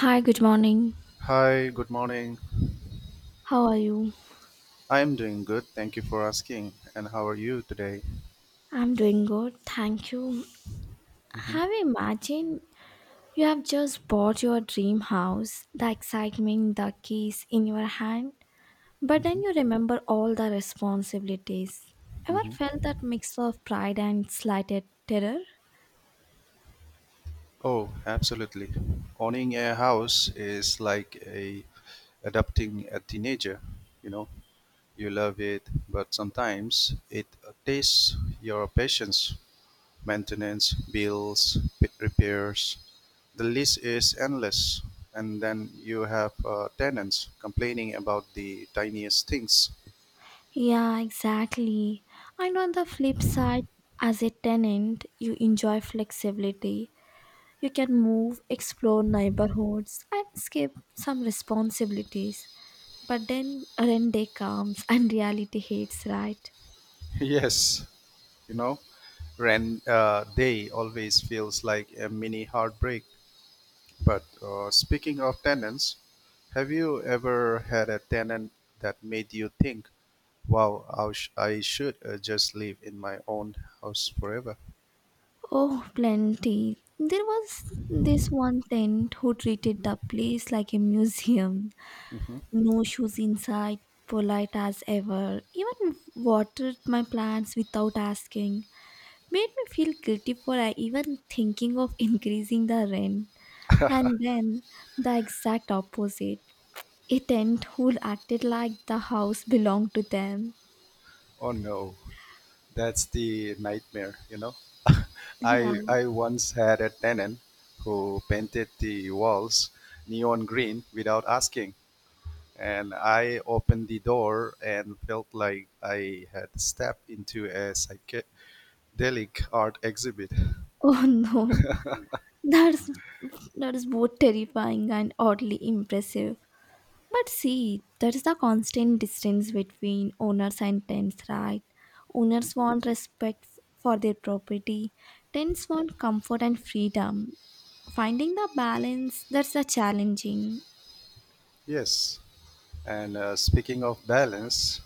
Hi, good morning. Hi, good morning. How are you? I'm doing good. Thank you for asking. And how are you today? I'm doing good, thank you. Hmm. Have you imagined you have just bought your dream house, the excitement, the keys in your hand, but then Hmm. you remember all the responsibilities. Ever Hmm. felt that mix of pride and slighted terror? Oh, absolutely. Owning a house is like a adopting a teenager. You know, you love it, but sometimes it takes your patience, maintenance, bills, pit repairs. The list is endless, and then you have tenants complaining about the tiniest things. Yeah, exactly. And on the flip side, as a tenant, you enjoy flexibility. You can move, explore neighborhoods, and skip some responsibilities. But then rent day comes and reality hits, right? Yes, you know rand day always feels like a mini heartbreak. But speaking of tenants, have you ever had a tenant that made you think, wow, I should just live in my own house forever? Oh, plenty. There was this one tent who treated the place like a museum. Hmm. No shoes inside, polite as ever. Even watered my plants without asking. Made me feel guilty for I even thinking of increasing the rent. And then the exact opposite. A tent who acted like the house belonged to them. Oh no, that's the nightmare. Yeah. I I once had a tenant who painted the walls neon green without asking. And I opened the door and felt like I had stepped into a psychedelic art exhibit. Oh no. That's that is both terrifying and oddly impressive. But see, there is the constant distance between owners and tenants, right? Owners want respect for their property, tenants want comfort and freedom. Finding the balance that's the challenging. Yes, and speaking of balance,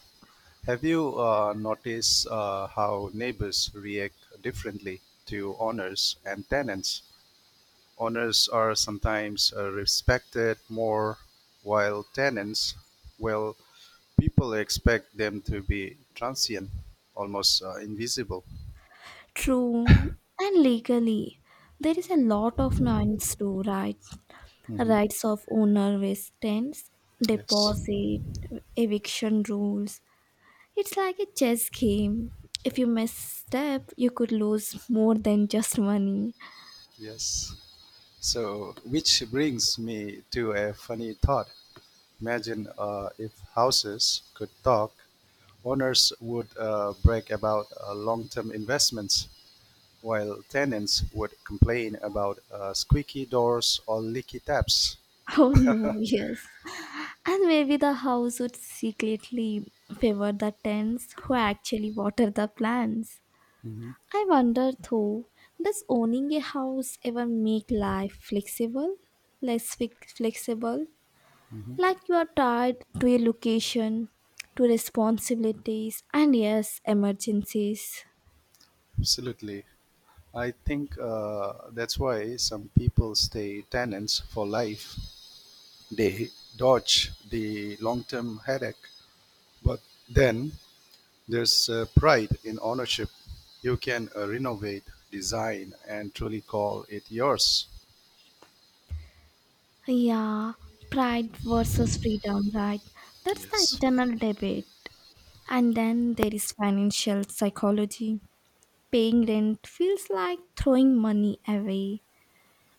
have you noticed how neighbors react differently to owners and tenants? Owners are sometimes respected more, while tenants, well, people expect them to be transient, almost invisible. True, and legally, there is a lot of nuance to Mhm. rights of owner with tenants, Yes. deposit, eviction rules. It's like a chess game. If you misstep, you could lose more than just money. Yes. So, which brings me to a funny thought. Imagine if houses could talk, owners would brag about long term investments, while tenants would complain about squeaky doors or leaky taps. Oh no, yes. And maybe the house would secretly favor the tenants who actually water the plants. Mhm, I wonder though, does owning a house ever make life flexible? Less flexible? mhm. Like you are tied to a location, to responsibilities, and yes, emergencies. Absolutely. I think that's why some people stay tenants for life. They dodge the long term headache, but then there's a pride in ownership. You can renovate, design, and truly call it yours. Yeah, pride versus freedom, right? That's the Yes. internal debate. And then there is financial psychology. Paying rent feels like throwing money away,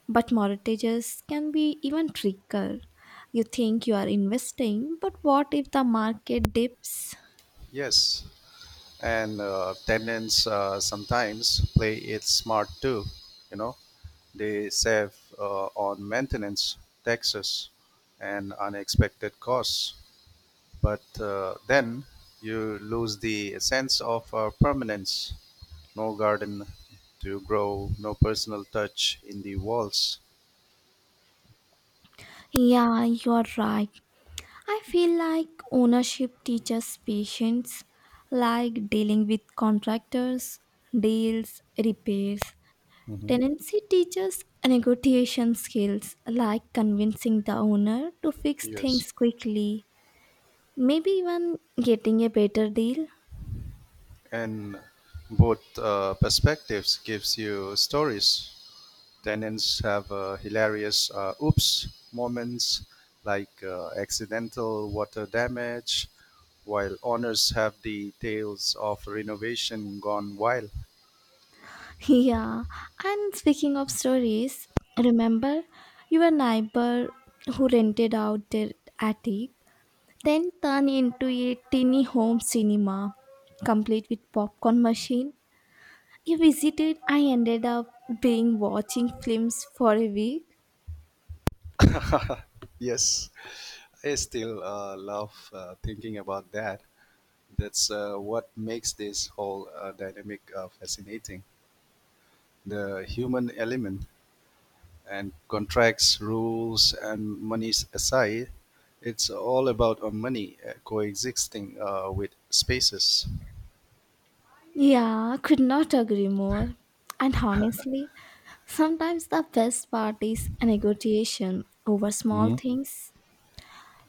but mortgages can be even trickier. You think you are investing, but what if the market dips? Yes, and tenants sometimes play it smart too. You know, they save on maintenance, taxes, and unexpected costs. But then you lose the sense of permanence. No garden to grow, no personal touch in the walls. Yeah, you are right. I feel like ownership teaches patience, like dealing with contractors, deals, repairs. Hmm. Tenancy teaches negotiation skills like convincing the owner to fix Yes. things quickly, maybe even getting a better deal. And both perspectives gives you stories. Tenants have hilarious oops moments like accidental water damage, while owners have the tales of renovation gone wild. Yeah, and speaking of stories, remember your neighbor who rented out their attic, then turned into a tiny home cinema, complete with popcorn machine. You visited, I ended up being watching films for a week. Yes, I still love thinking about that. That's what makes this whole dynamic fascinating. The human element. And contracts, rules, and monies aside, it's all about money coexisting with spaces. Yeah, could not agree more. And honestly, sometimes the best part is a negotiation over small Hmm. things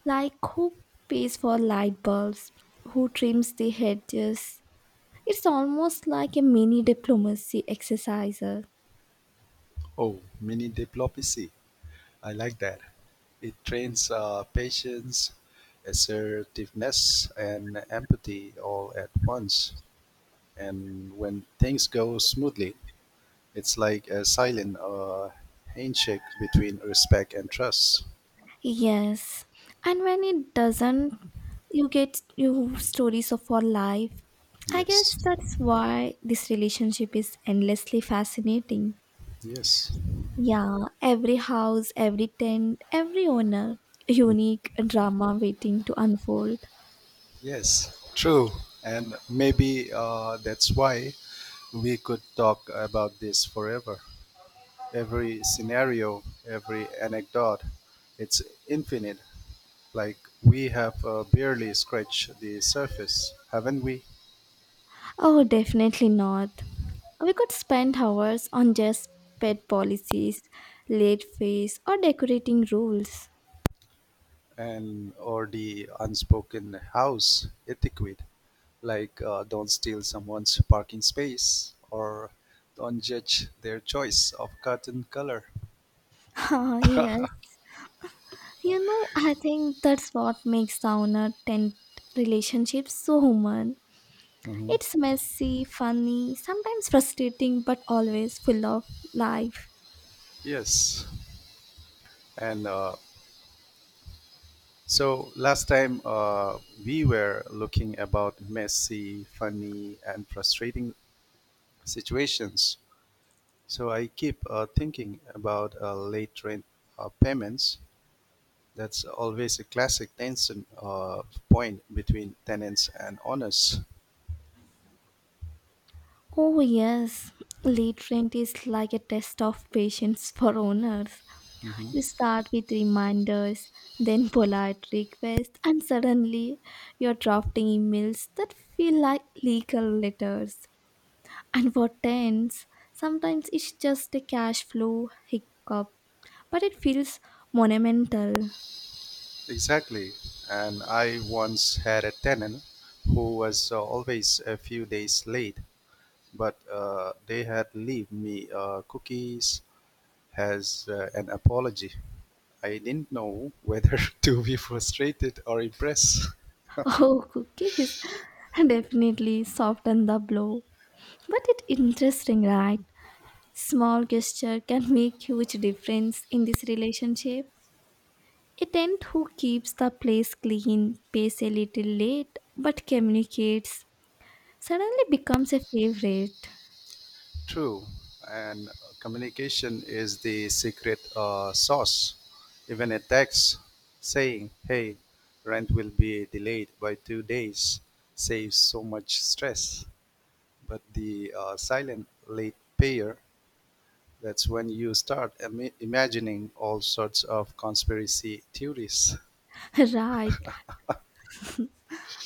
like who pays for light bulbs, who trims the hedges. It's almost like a mini diplomacy exercise. Oh, mini diplomacy. I like that. It trains patience, assertiveness, and empathy all at once. And when things go smoothly, it's like a silent handshake between respect and trust. Yes, and when it doesn't, you get new stories of our life. I guess Yes. that's why this relationship is endlessly fascinating. Yes. Yeah, every house, every tent, every owner, unique drama waiting to unfold. Yes, true. And maybe that's why we could talk about this forever. Every scenario, every anecdote, it's infinite. Like we have barely scratched the surface, haven't we? Oh, definitely not. We could spend hours on just pet policies, late fees, or decorating rules. And or the unspoken house etiquette, like don't steal someone's parking space or don't judge their choice of curtain color. Ah, yes. You know, I think that's what makes sauna tent relationships so human. Mhm. It's messy, funny, sometimes frustrating, but always full of life. Yes, and so last time we were looking about messy, funny, and frustrating situations. So I keep thinking about late rent payments. That's always a classic tension point between tenants and owners. Oh, yes. Late rent is like a test of patience for owners. Mhm. You start with reminders, then polite requests, and suddenly you're drafting emails that feel like legal letters. And for tenants, sometimes it's just a cash flow hiccup, but it feels monumental. Exactly. And I once had a tenant who was always a few days late, but they had leave me cookies, has an apology. I didn't know whether to be frustrated or impressed. Oh, cookies definitely soften the blow. But it's interesting, right? Small gesture can make huge difference in this relationship. A tent who keeps the place clean, pays a little late, but communicates suddenly becomes a favorite. True, and communication is the secret sauce. Even a text saying, "Hey, rent will be delayed by 2 days," saves so much stress. But the silent late payer. That's when you start imagining all sorts of conspiracy theories. Right,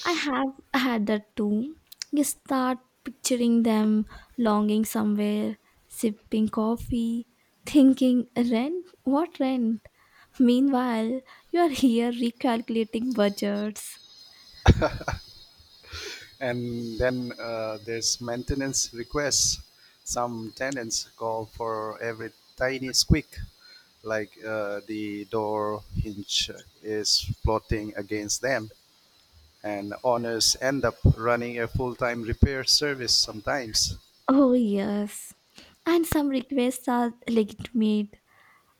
I have had that too. You start picturing them longing somewhere, sipping coffee, thinking rent? What rent? Meanwhile, you are here recalculating budgets. And then there's maintenance requests. Some tenants call for every tiny squeak, like the door hinge is plotting against them. And owners end up running a full time repair service sometimes. Oh, yes. And some requests are legitimate.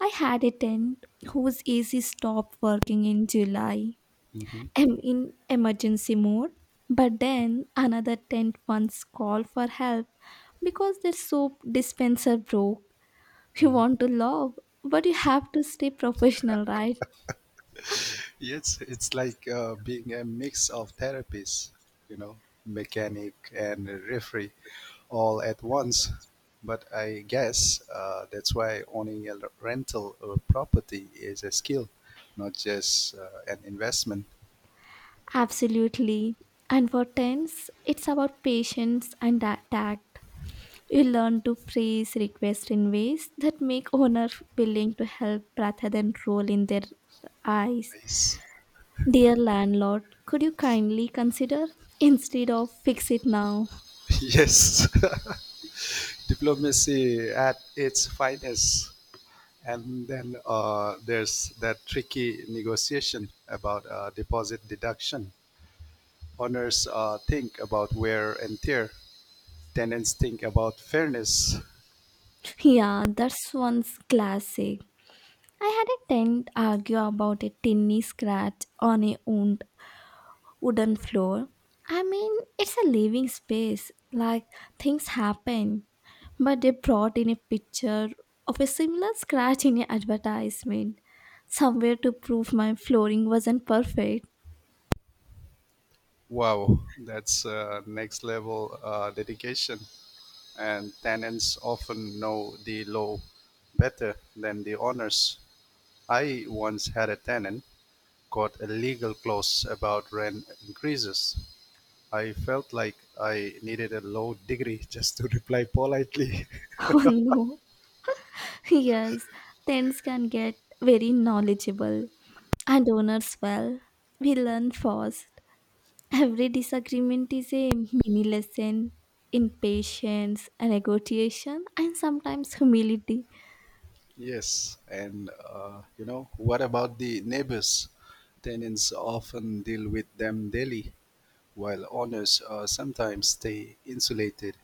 I had a tenant whose AC stopped working in July. Mhm. I'm in emergency mode. But then another tent once called for help because their soap dispenser broke. You want to love, but you have to stay professional, right? Yes, it's like being a mix of therapies, you know, mechanic and referee. All at once. But I guess that's why owning a rental or property is a skill, not just an investment. Absolutely. And for tents, it's about patience and tact. You learn to phrase requests in ways that make owner willing to help rather than roll in their eyes. Yes, Dear landlord, could you kindly consider instead of fix it now? yes. Diplomacy at its finest. And then there's that tricky negotiation about deposit deduction. Owners think about wear and tear. Tenants think about fairness. Yeah, that's one's classic. I had a tenant argue about a tiny scratch on a wooden floor. I mean, it's a living space. Like, things happen. But they brought in a picture of a similar scratch in an advertisement somewhere to prove my flooring wasn't perfect. Wow, that's next level dedication. And tenants often know the law better than the owners. I once had a tenant got a legal clause about rent increases. I felt like I needed a law degree just to reply politely. Oh no. Yes, tenants can get very knowledgeable and owners well. We learn fast. Every disagreement is a mini lesson in patience and negotiation and sometimes humility. Yes, and what about the neighbors? Tenants often deal with them daily, while owners sometimes stay insulated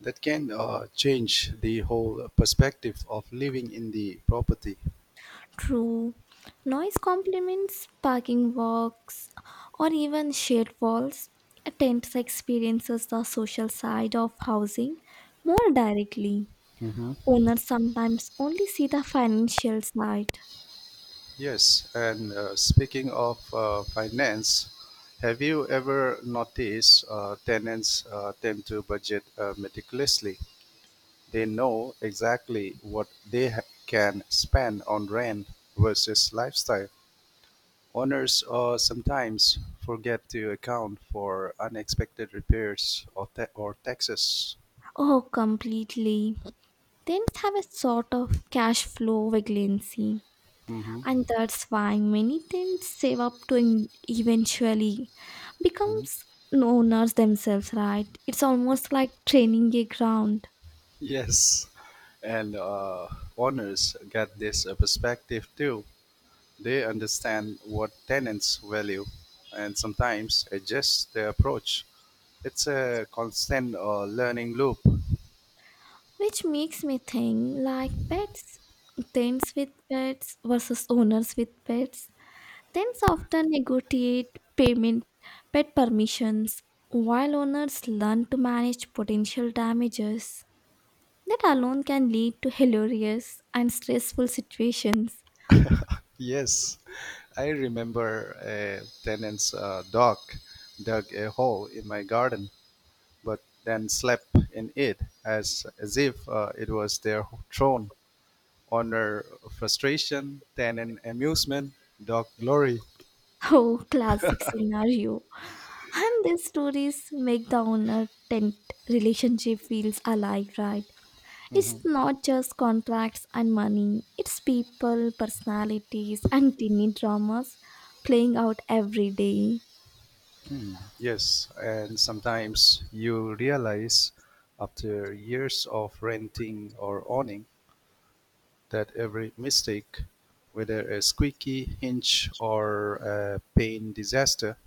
that can change the whole perspective of living in the property. True. Noise complements parking walks or even shared walls. Attempts experiences the social side of housing more directly. Hmm. Owners sometimes only see the financial side. Yes, and speaking of finance, have you ever noticed tenants tend to budget meticulously? They know exactly what they can spend on rent versus lifestyle. Owners sometimes forget to account for unexpected repairs or taxes. Oh, completely. Tents have a sort of cash flow vagrancy, Mhm. and that's why many tents save up to eventually becomes owners themselves, right? It's almost like training a ground. Yes, and owners get this perspective too. They understand what tenants value and sometimes adjust their approach. It's a constant learning loop. Which makes me think like pets, teams with pets versus owners with pets. Teams often negotiate payment, pet permissions, while owners learn to manage potential damages. That alone can lead to hilarious and stressful situations. Yes, I remember a tenant's dog dug a hole in my garden, but then slept in it as if it was their throne. Honor frustration, tenant amusement, dog glory. Oh, classic scenario. And these stories make the owner tent relationship feels alive, right? It's Mhm. not just contracts and money, it's people, personalities, and tiny dramas playing out every day. Yes, and sometimes you realize after years of renting or owning that every mistake, whether a squeaky hinge or a paint disaster,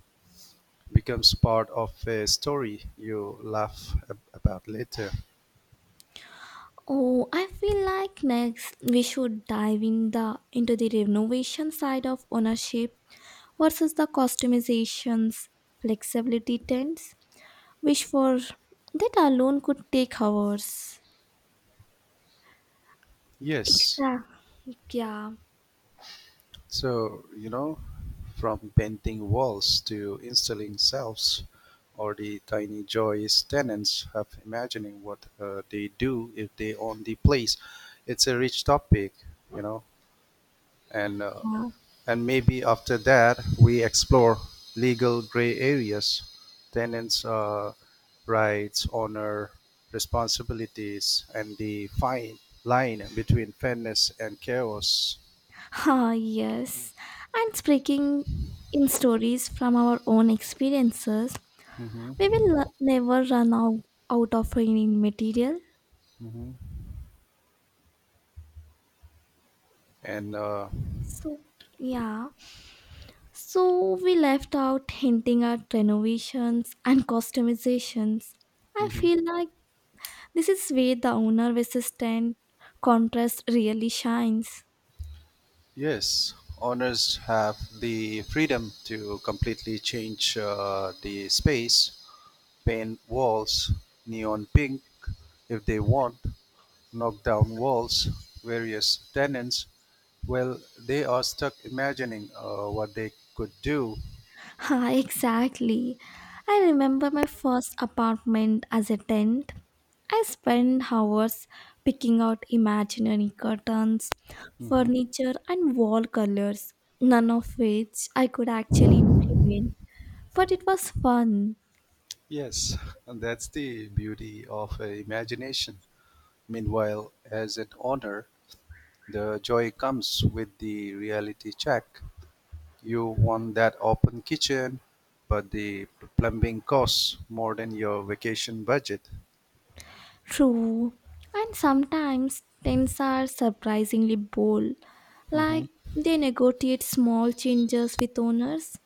becomes part of a story you laugh about later. Oh, I feel like next we should dive in the into the renovation side of ownership versus the customizations flexibility trends, which for that alone could take hours. Yes, Exactly. Yeah. so, from painting walls to installing shelves, or the tiny joys tenants have imagining what they do if they own the place. It's a rich topic, you know, and uh, and maybe after that we explore legal gray areas, tenants' rights, honor, responsibilities, and the fine line between fairness and chaos. Ah, yes. And speaking in stories from our own experiences, Hmm. we will never run out of any material. Hmm. And So, yeah. So, we left out hinting at renovations and customizations. I mhm. feel like this is where the owner resistant contrast really shines. Yes, owners have the freedom to completely change the space, paint walls neon pink if they want, knock down walls, various tenants. Well, they are stuck imagining what they could do. Ha, exactly. I remember my first apartment as a tent. I spent hours picking out imaginary curtains, Mhm. furniture, and wall colors, none of which I could actually implement. But it was fun, Yes, and that's the beauty of imagination. Meanwhile, as an owner, the joy comes with the reality check. You want that open kitchen, but the plumbing costs more than your vacation budget. true, and sometimes tents are surprisingly bold, like Mhm. they negotiate small changes with owners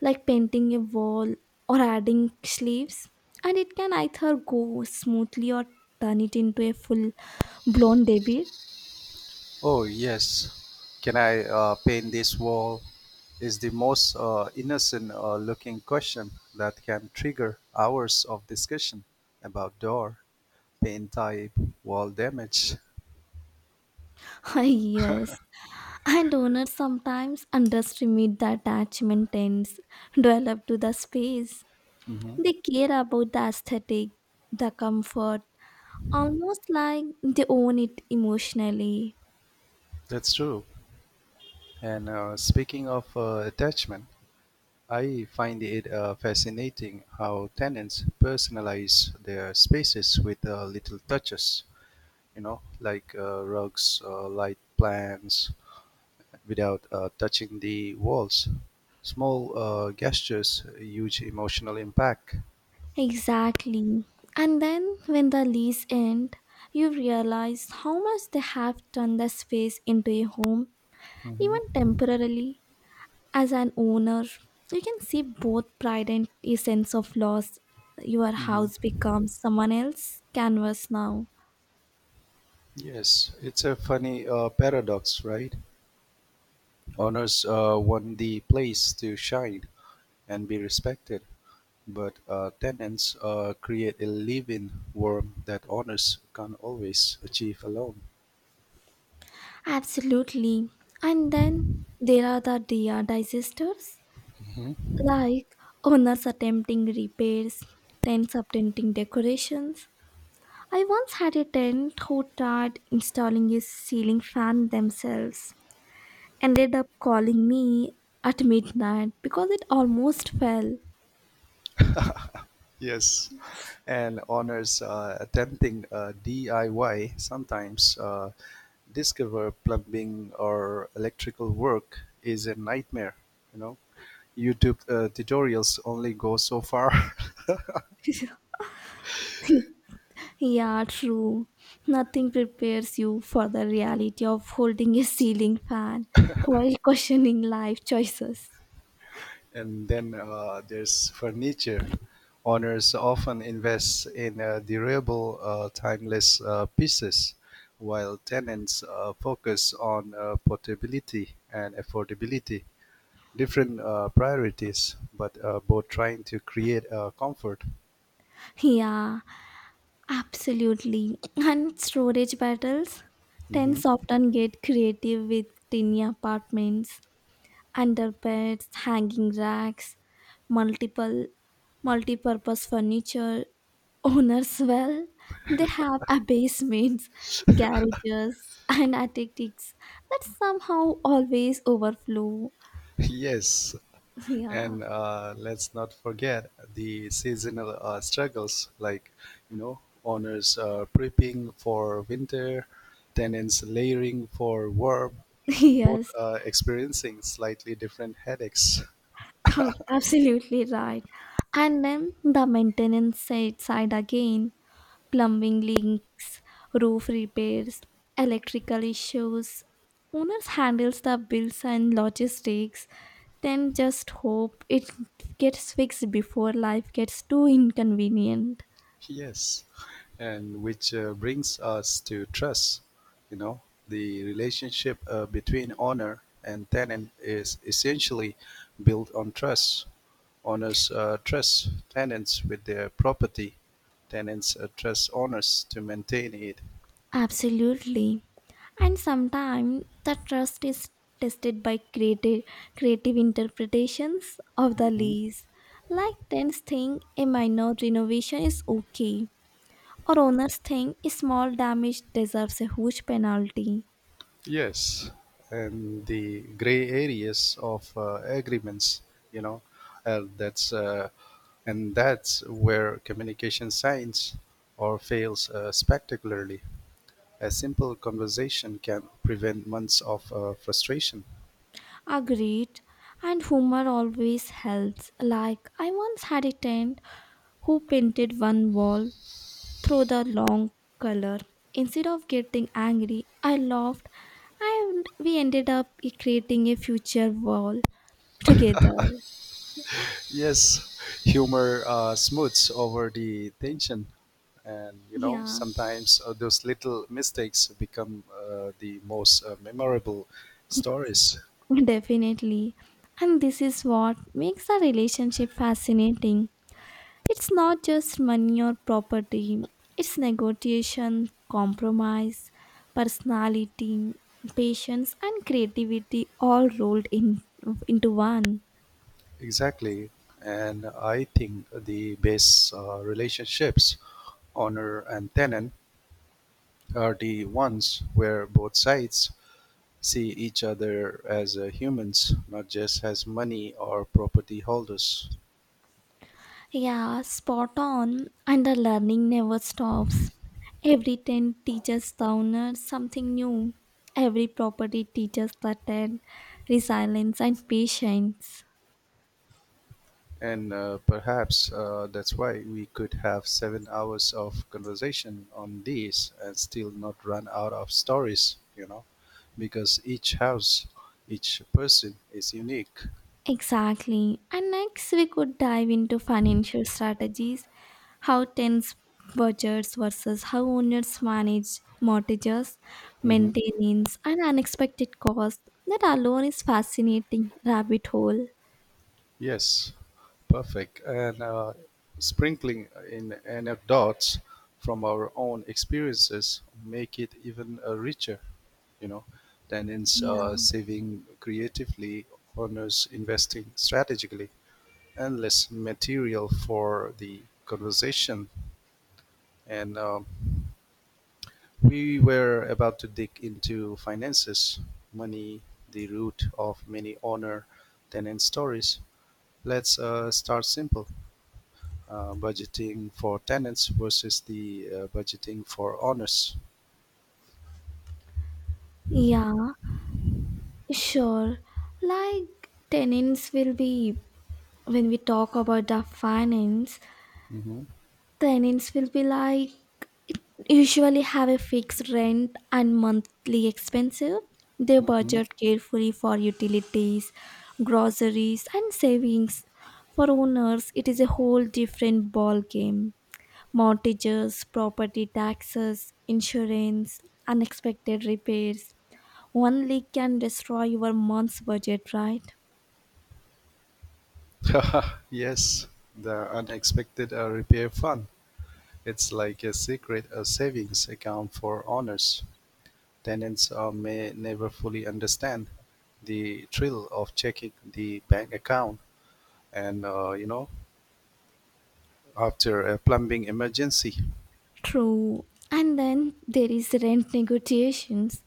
like painting a wall or adding sleeves and it can either go smoothly or turn it into a full blown debate. Oh, yes. Can I paint this wall? Is the most innocent looking question that can trigger hours of discussion about door, paint type, wall damage. Yes, and owners sometimes underestimate the attachment ends develop to the space. Mhm. They care about the aesthetic, the comfort, almost like they own it emotionally. That's true. And speaking of attachment, I find it fascinating how tenants personalize their spaces with little touches, like rugs, light plants, without touching the walls. Small gestures, huge emotional impact. Exactly. And then when the lease end, you realize how much they have turned the space into a home, even Hmm. temporarily. As an owner, you can see both pride and a sense of loss. Your Hmm. house becomes someone else's canvas now. Yes, it's a funny paradox, right? Owners want the place to shine and be respected, but tenants create a living worm that owners can't always achieve alone. Absolutely. And then there are the DR disasters, Mhm. like owners attempting repairs, tents attempting decorations, I once had a tenant who tried installing a ceiling fan themselves, ended up calling me at midnight because it almost fell. Yes, and owners attempting DIY sometimes discover plumbing or electrical work is a nightmare. You know, YouTube tutorials only go so far. Yeah, true. Nothing prepares you for the reality of holding a ceiling fan while questioning life choices. And then there's furniture. Owners often invest in durable, timeless pieces, while tenants focus on portability and affordability. Different priorities, but both trying to create comfort. Yeah, absolutely. And storage battles? Mhm. Tents often get creative with tiny apartments, under beds, hanging racks, multiple multi-purpose furniture. Owners, well, they have basements, garages and attics that somehow always overflow. Yes, Yeah. and let's not forget the seasonal struggles, like owners prepping for winter, tenants layering for warm, both Yes. Experiencing slightly different headaches. Oh, absolutely right. And then the maintenance side again, plumbing leaks, roof repairs, electrical issues. Owners handles the bills and logistics, then just hope it gets fixed before life gets too inconvenient. Yes, and which brings us to trust. You know, the relationship between owner and tenant is essentially built on trust. Owners trust tenants with their property. Tenants trust owners to maintain it. Absolutely. And sometimes the trust is tested by creative interpretations of the Hmm? lease. Like tenants think a minor renovation is okay, or owners think a small damage deserves a huge penalty. Yes, and the gray areas of agreements, you know, that's and that's where communication science or fails spectacularly. A simple conversation can prevent months of frustration. Agreed. And humor always helps. Like I once had a tenant who painted one wall through the long color. Instead of getting angry, I laughed and we ended up creating a future wall together. Yes, humor smooths over the tension, and Yeah, sometimes those little mistakes become the most memorable stories. definitely. And this is what makes a relationship fascinating. It's not just money or property, it's negotiation, compromise, personality, patience, and creativity all rolled into one. Exactly. And I think the best relationships, owner and tenant, are the ones where both sides see each other as humans, not just as money or property holders. Yeah, spot on. And the learning never stops. Every tent teaches the owner something new. Every property teaches the tent resilience and patience. And perhaps that's why we could have 7 hours of conversation on these and still not run out of stories, because each house, each person is unique. Exactly. And next, we could dive into financial strategies how tents budgets versus how owners manage mortgages, Mm-hmm. maintenance, and unexpected costs. That alone is fascinating rabbit hole. Yes, perfect. And sprinkling in anecdotes from our own experiences make it even richer, you know. Then Yeah. Saving creatively, honors investing strategically, and less material for the conversation. And we were about to dig into finances, money, the root of many honor, then stories. Let's start simple. Budgeting for tenants versus the budgeting for owners. Yeah. Sure. Like tenants will be, when we talk about the finance, Hmm. tenants will be like usually have a fixed rent and monthly expenses. They Hmm. budget carefully for utilities, groceries, and savings. For owners, it is a whole different ball game. Mortgages, property taxes, insurance, unexpected repairs. One leak can destroy your month's budget, right? Yes, the unexpected repair fund. It's like a secret savings account for owners. Tenants may never fully understand the thrill of checking the bank account and, after a plumbing emergency. True. And then there is rent negotiations.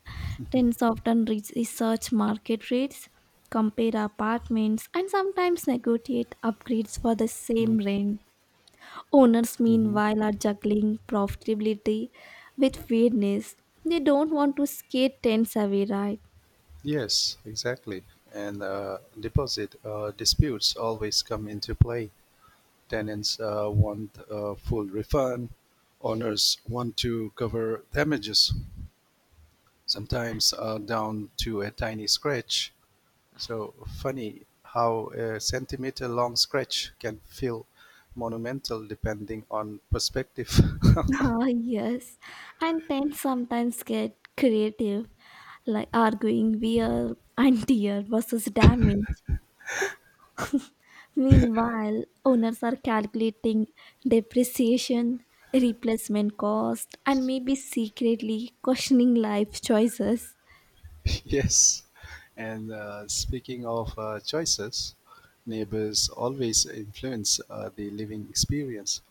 Rents often reach research market rates, compare apartments, and sometimes negotiate upgrades for the same rent. Owners, Hmm. meanwhile, are juggling profitability with fairness. They don't want to scare tenants away, right? Yes, exactly. And deposit disputes always come into play. Tenants want a full refund. Owners want to cover damages, sometimes down to a tiny scratch. So funny how a centimeter long scratch can feel monumental depending on perspective. Ah, yes. And tenants sometimes get creative, like arguing wear and tear versus damage. Meanwhile, owners are calculating depreciation, replacement cost, and maybe secretly questioning life choices. Yes. And speaking of choices, neighbors always influence the living experience.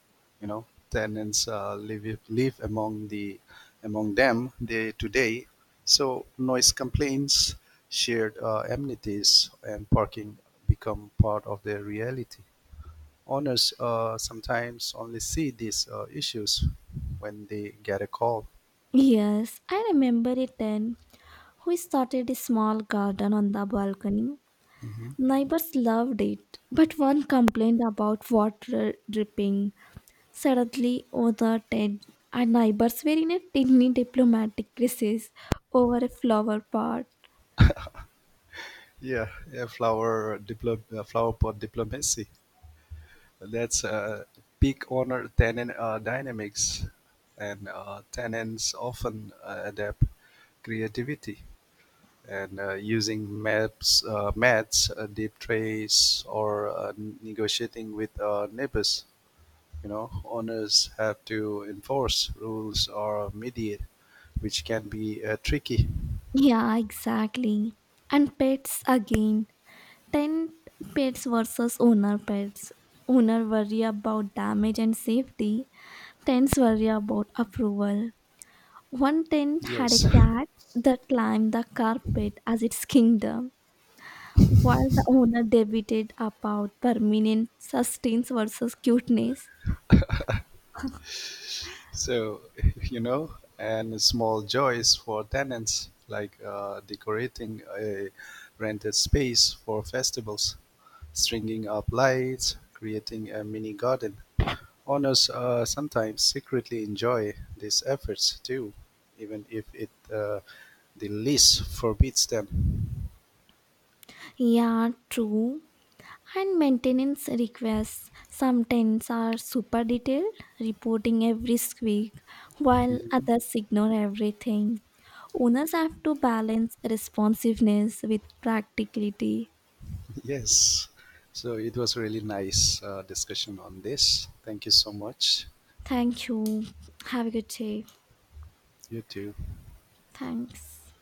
Tenants live among them day to day. So noise complaints, shared amenities, and parking become part of their reality. Owners sometimes only see these issues when they get a call. Yes, I remember a ten who started a small garden on the balcony. Neighbors loved it, but one complained about water dripping. Suddenly, other ten and neighbors were in a tiny diplomatic crisis over a flower pot. Yeah, yeah, flower pot diplomacy. That's a big honor. Tenant dynamics and tenants often adapt creativity and using maps, mats, deep trace, or negotiating with neighbors. Owners have to enforce rules or mediate, which can be tricky. Yeah, exactly. And pets again. 10 pets versus owner pets. Owner worry about damage and safety. Tens worry about approval. One tent had a Yes. cat that climbed the carpet as its kingdom, while the owner debated about permanent sustains versus cuteness. So, you know, and small joys for tenants, like decorating a rented space for festivals, stringing up lights, creating a mini garden. Owners sometimes secretly enjoy these efforts too, even if it the lease forbids them. Yeah, true. And maintenance requests sometimes are super detailed, reporting every squeak, while Mhm. others ignore everything. Owners have to balance responsiveness with practicality. Yes. So it was really nice discussion on this. Thank you so much. Thank you. Have a good day. You too. Thanks.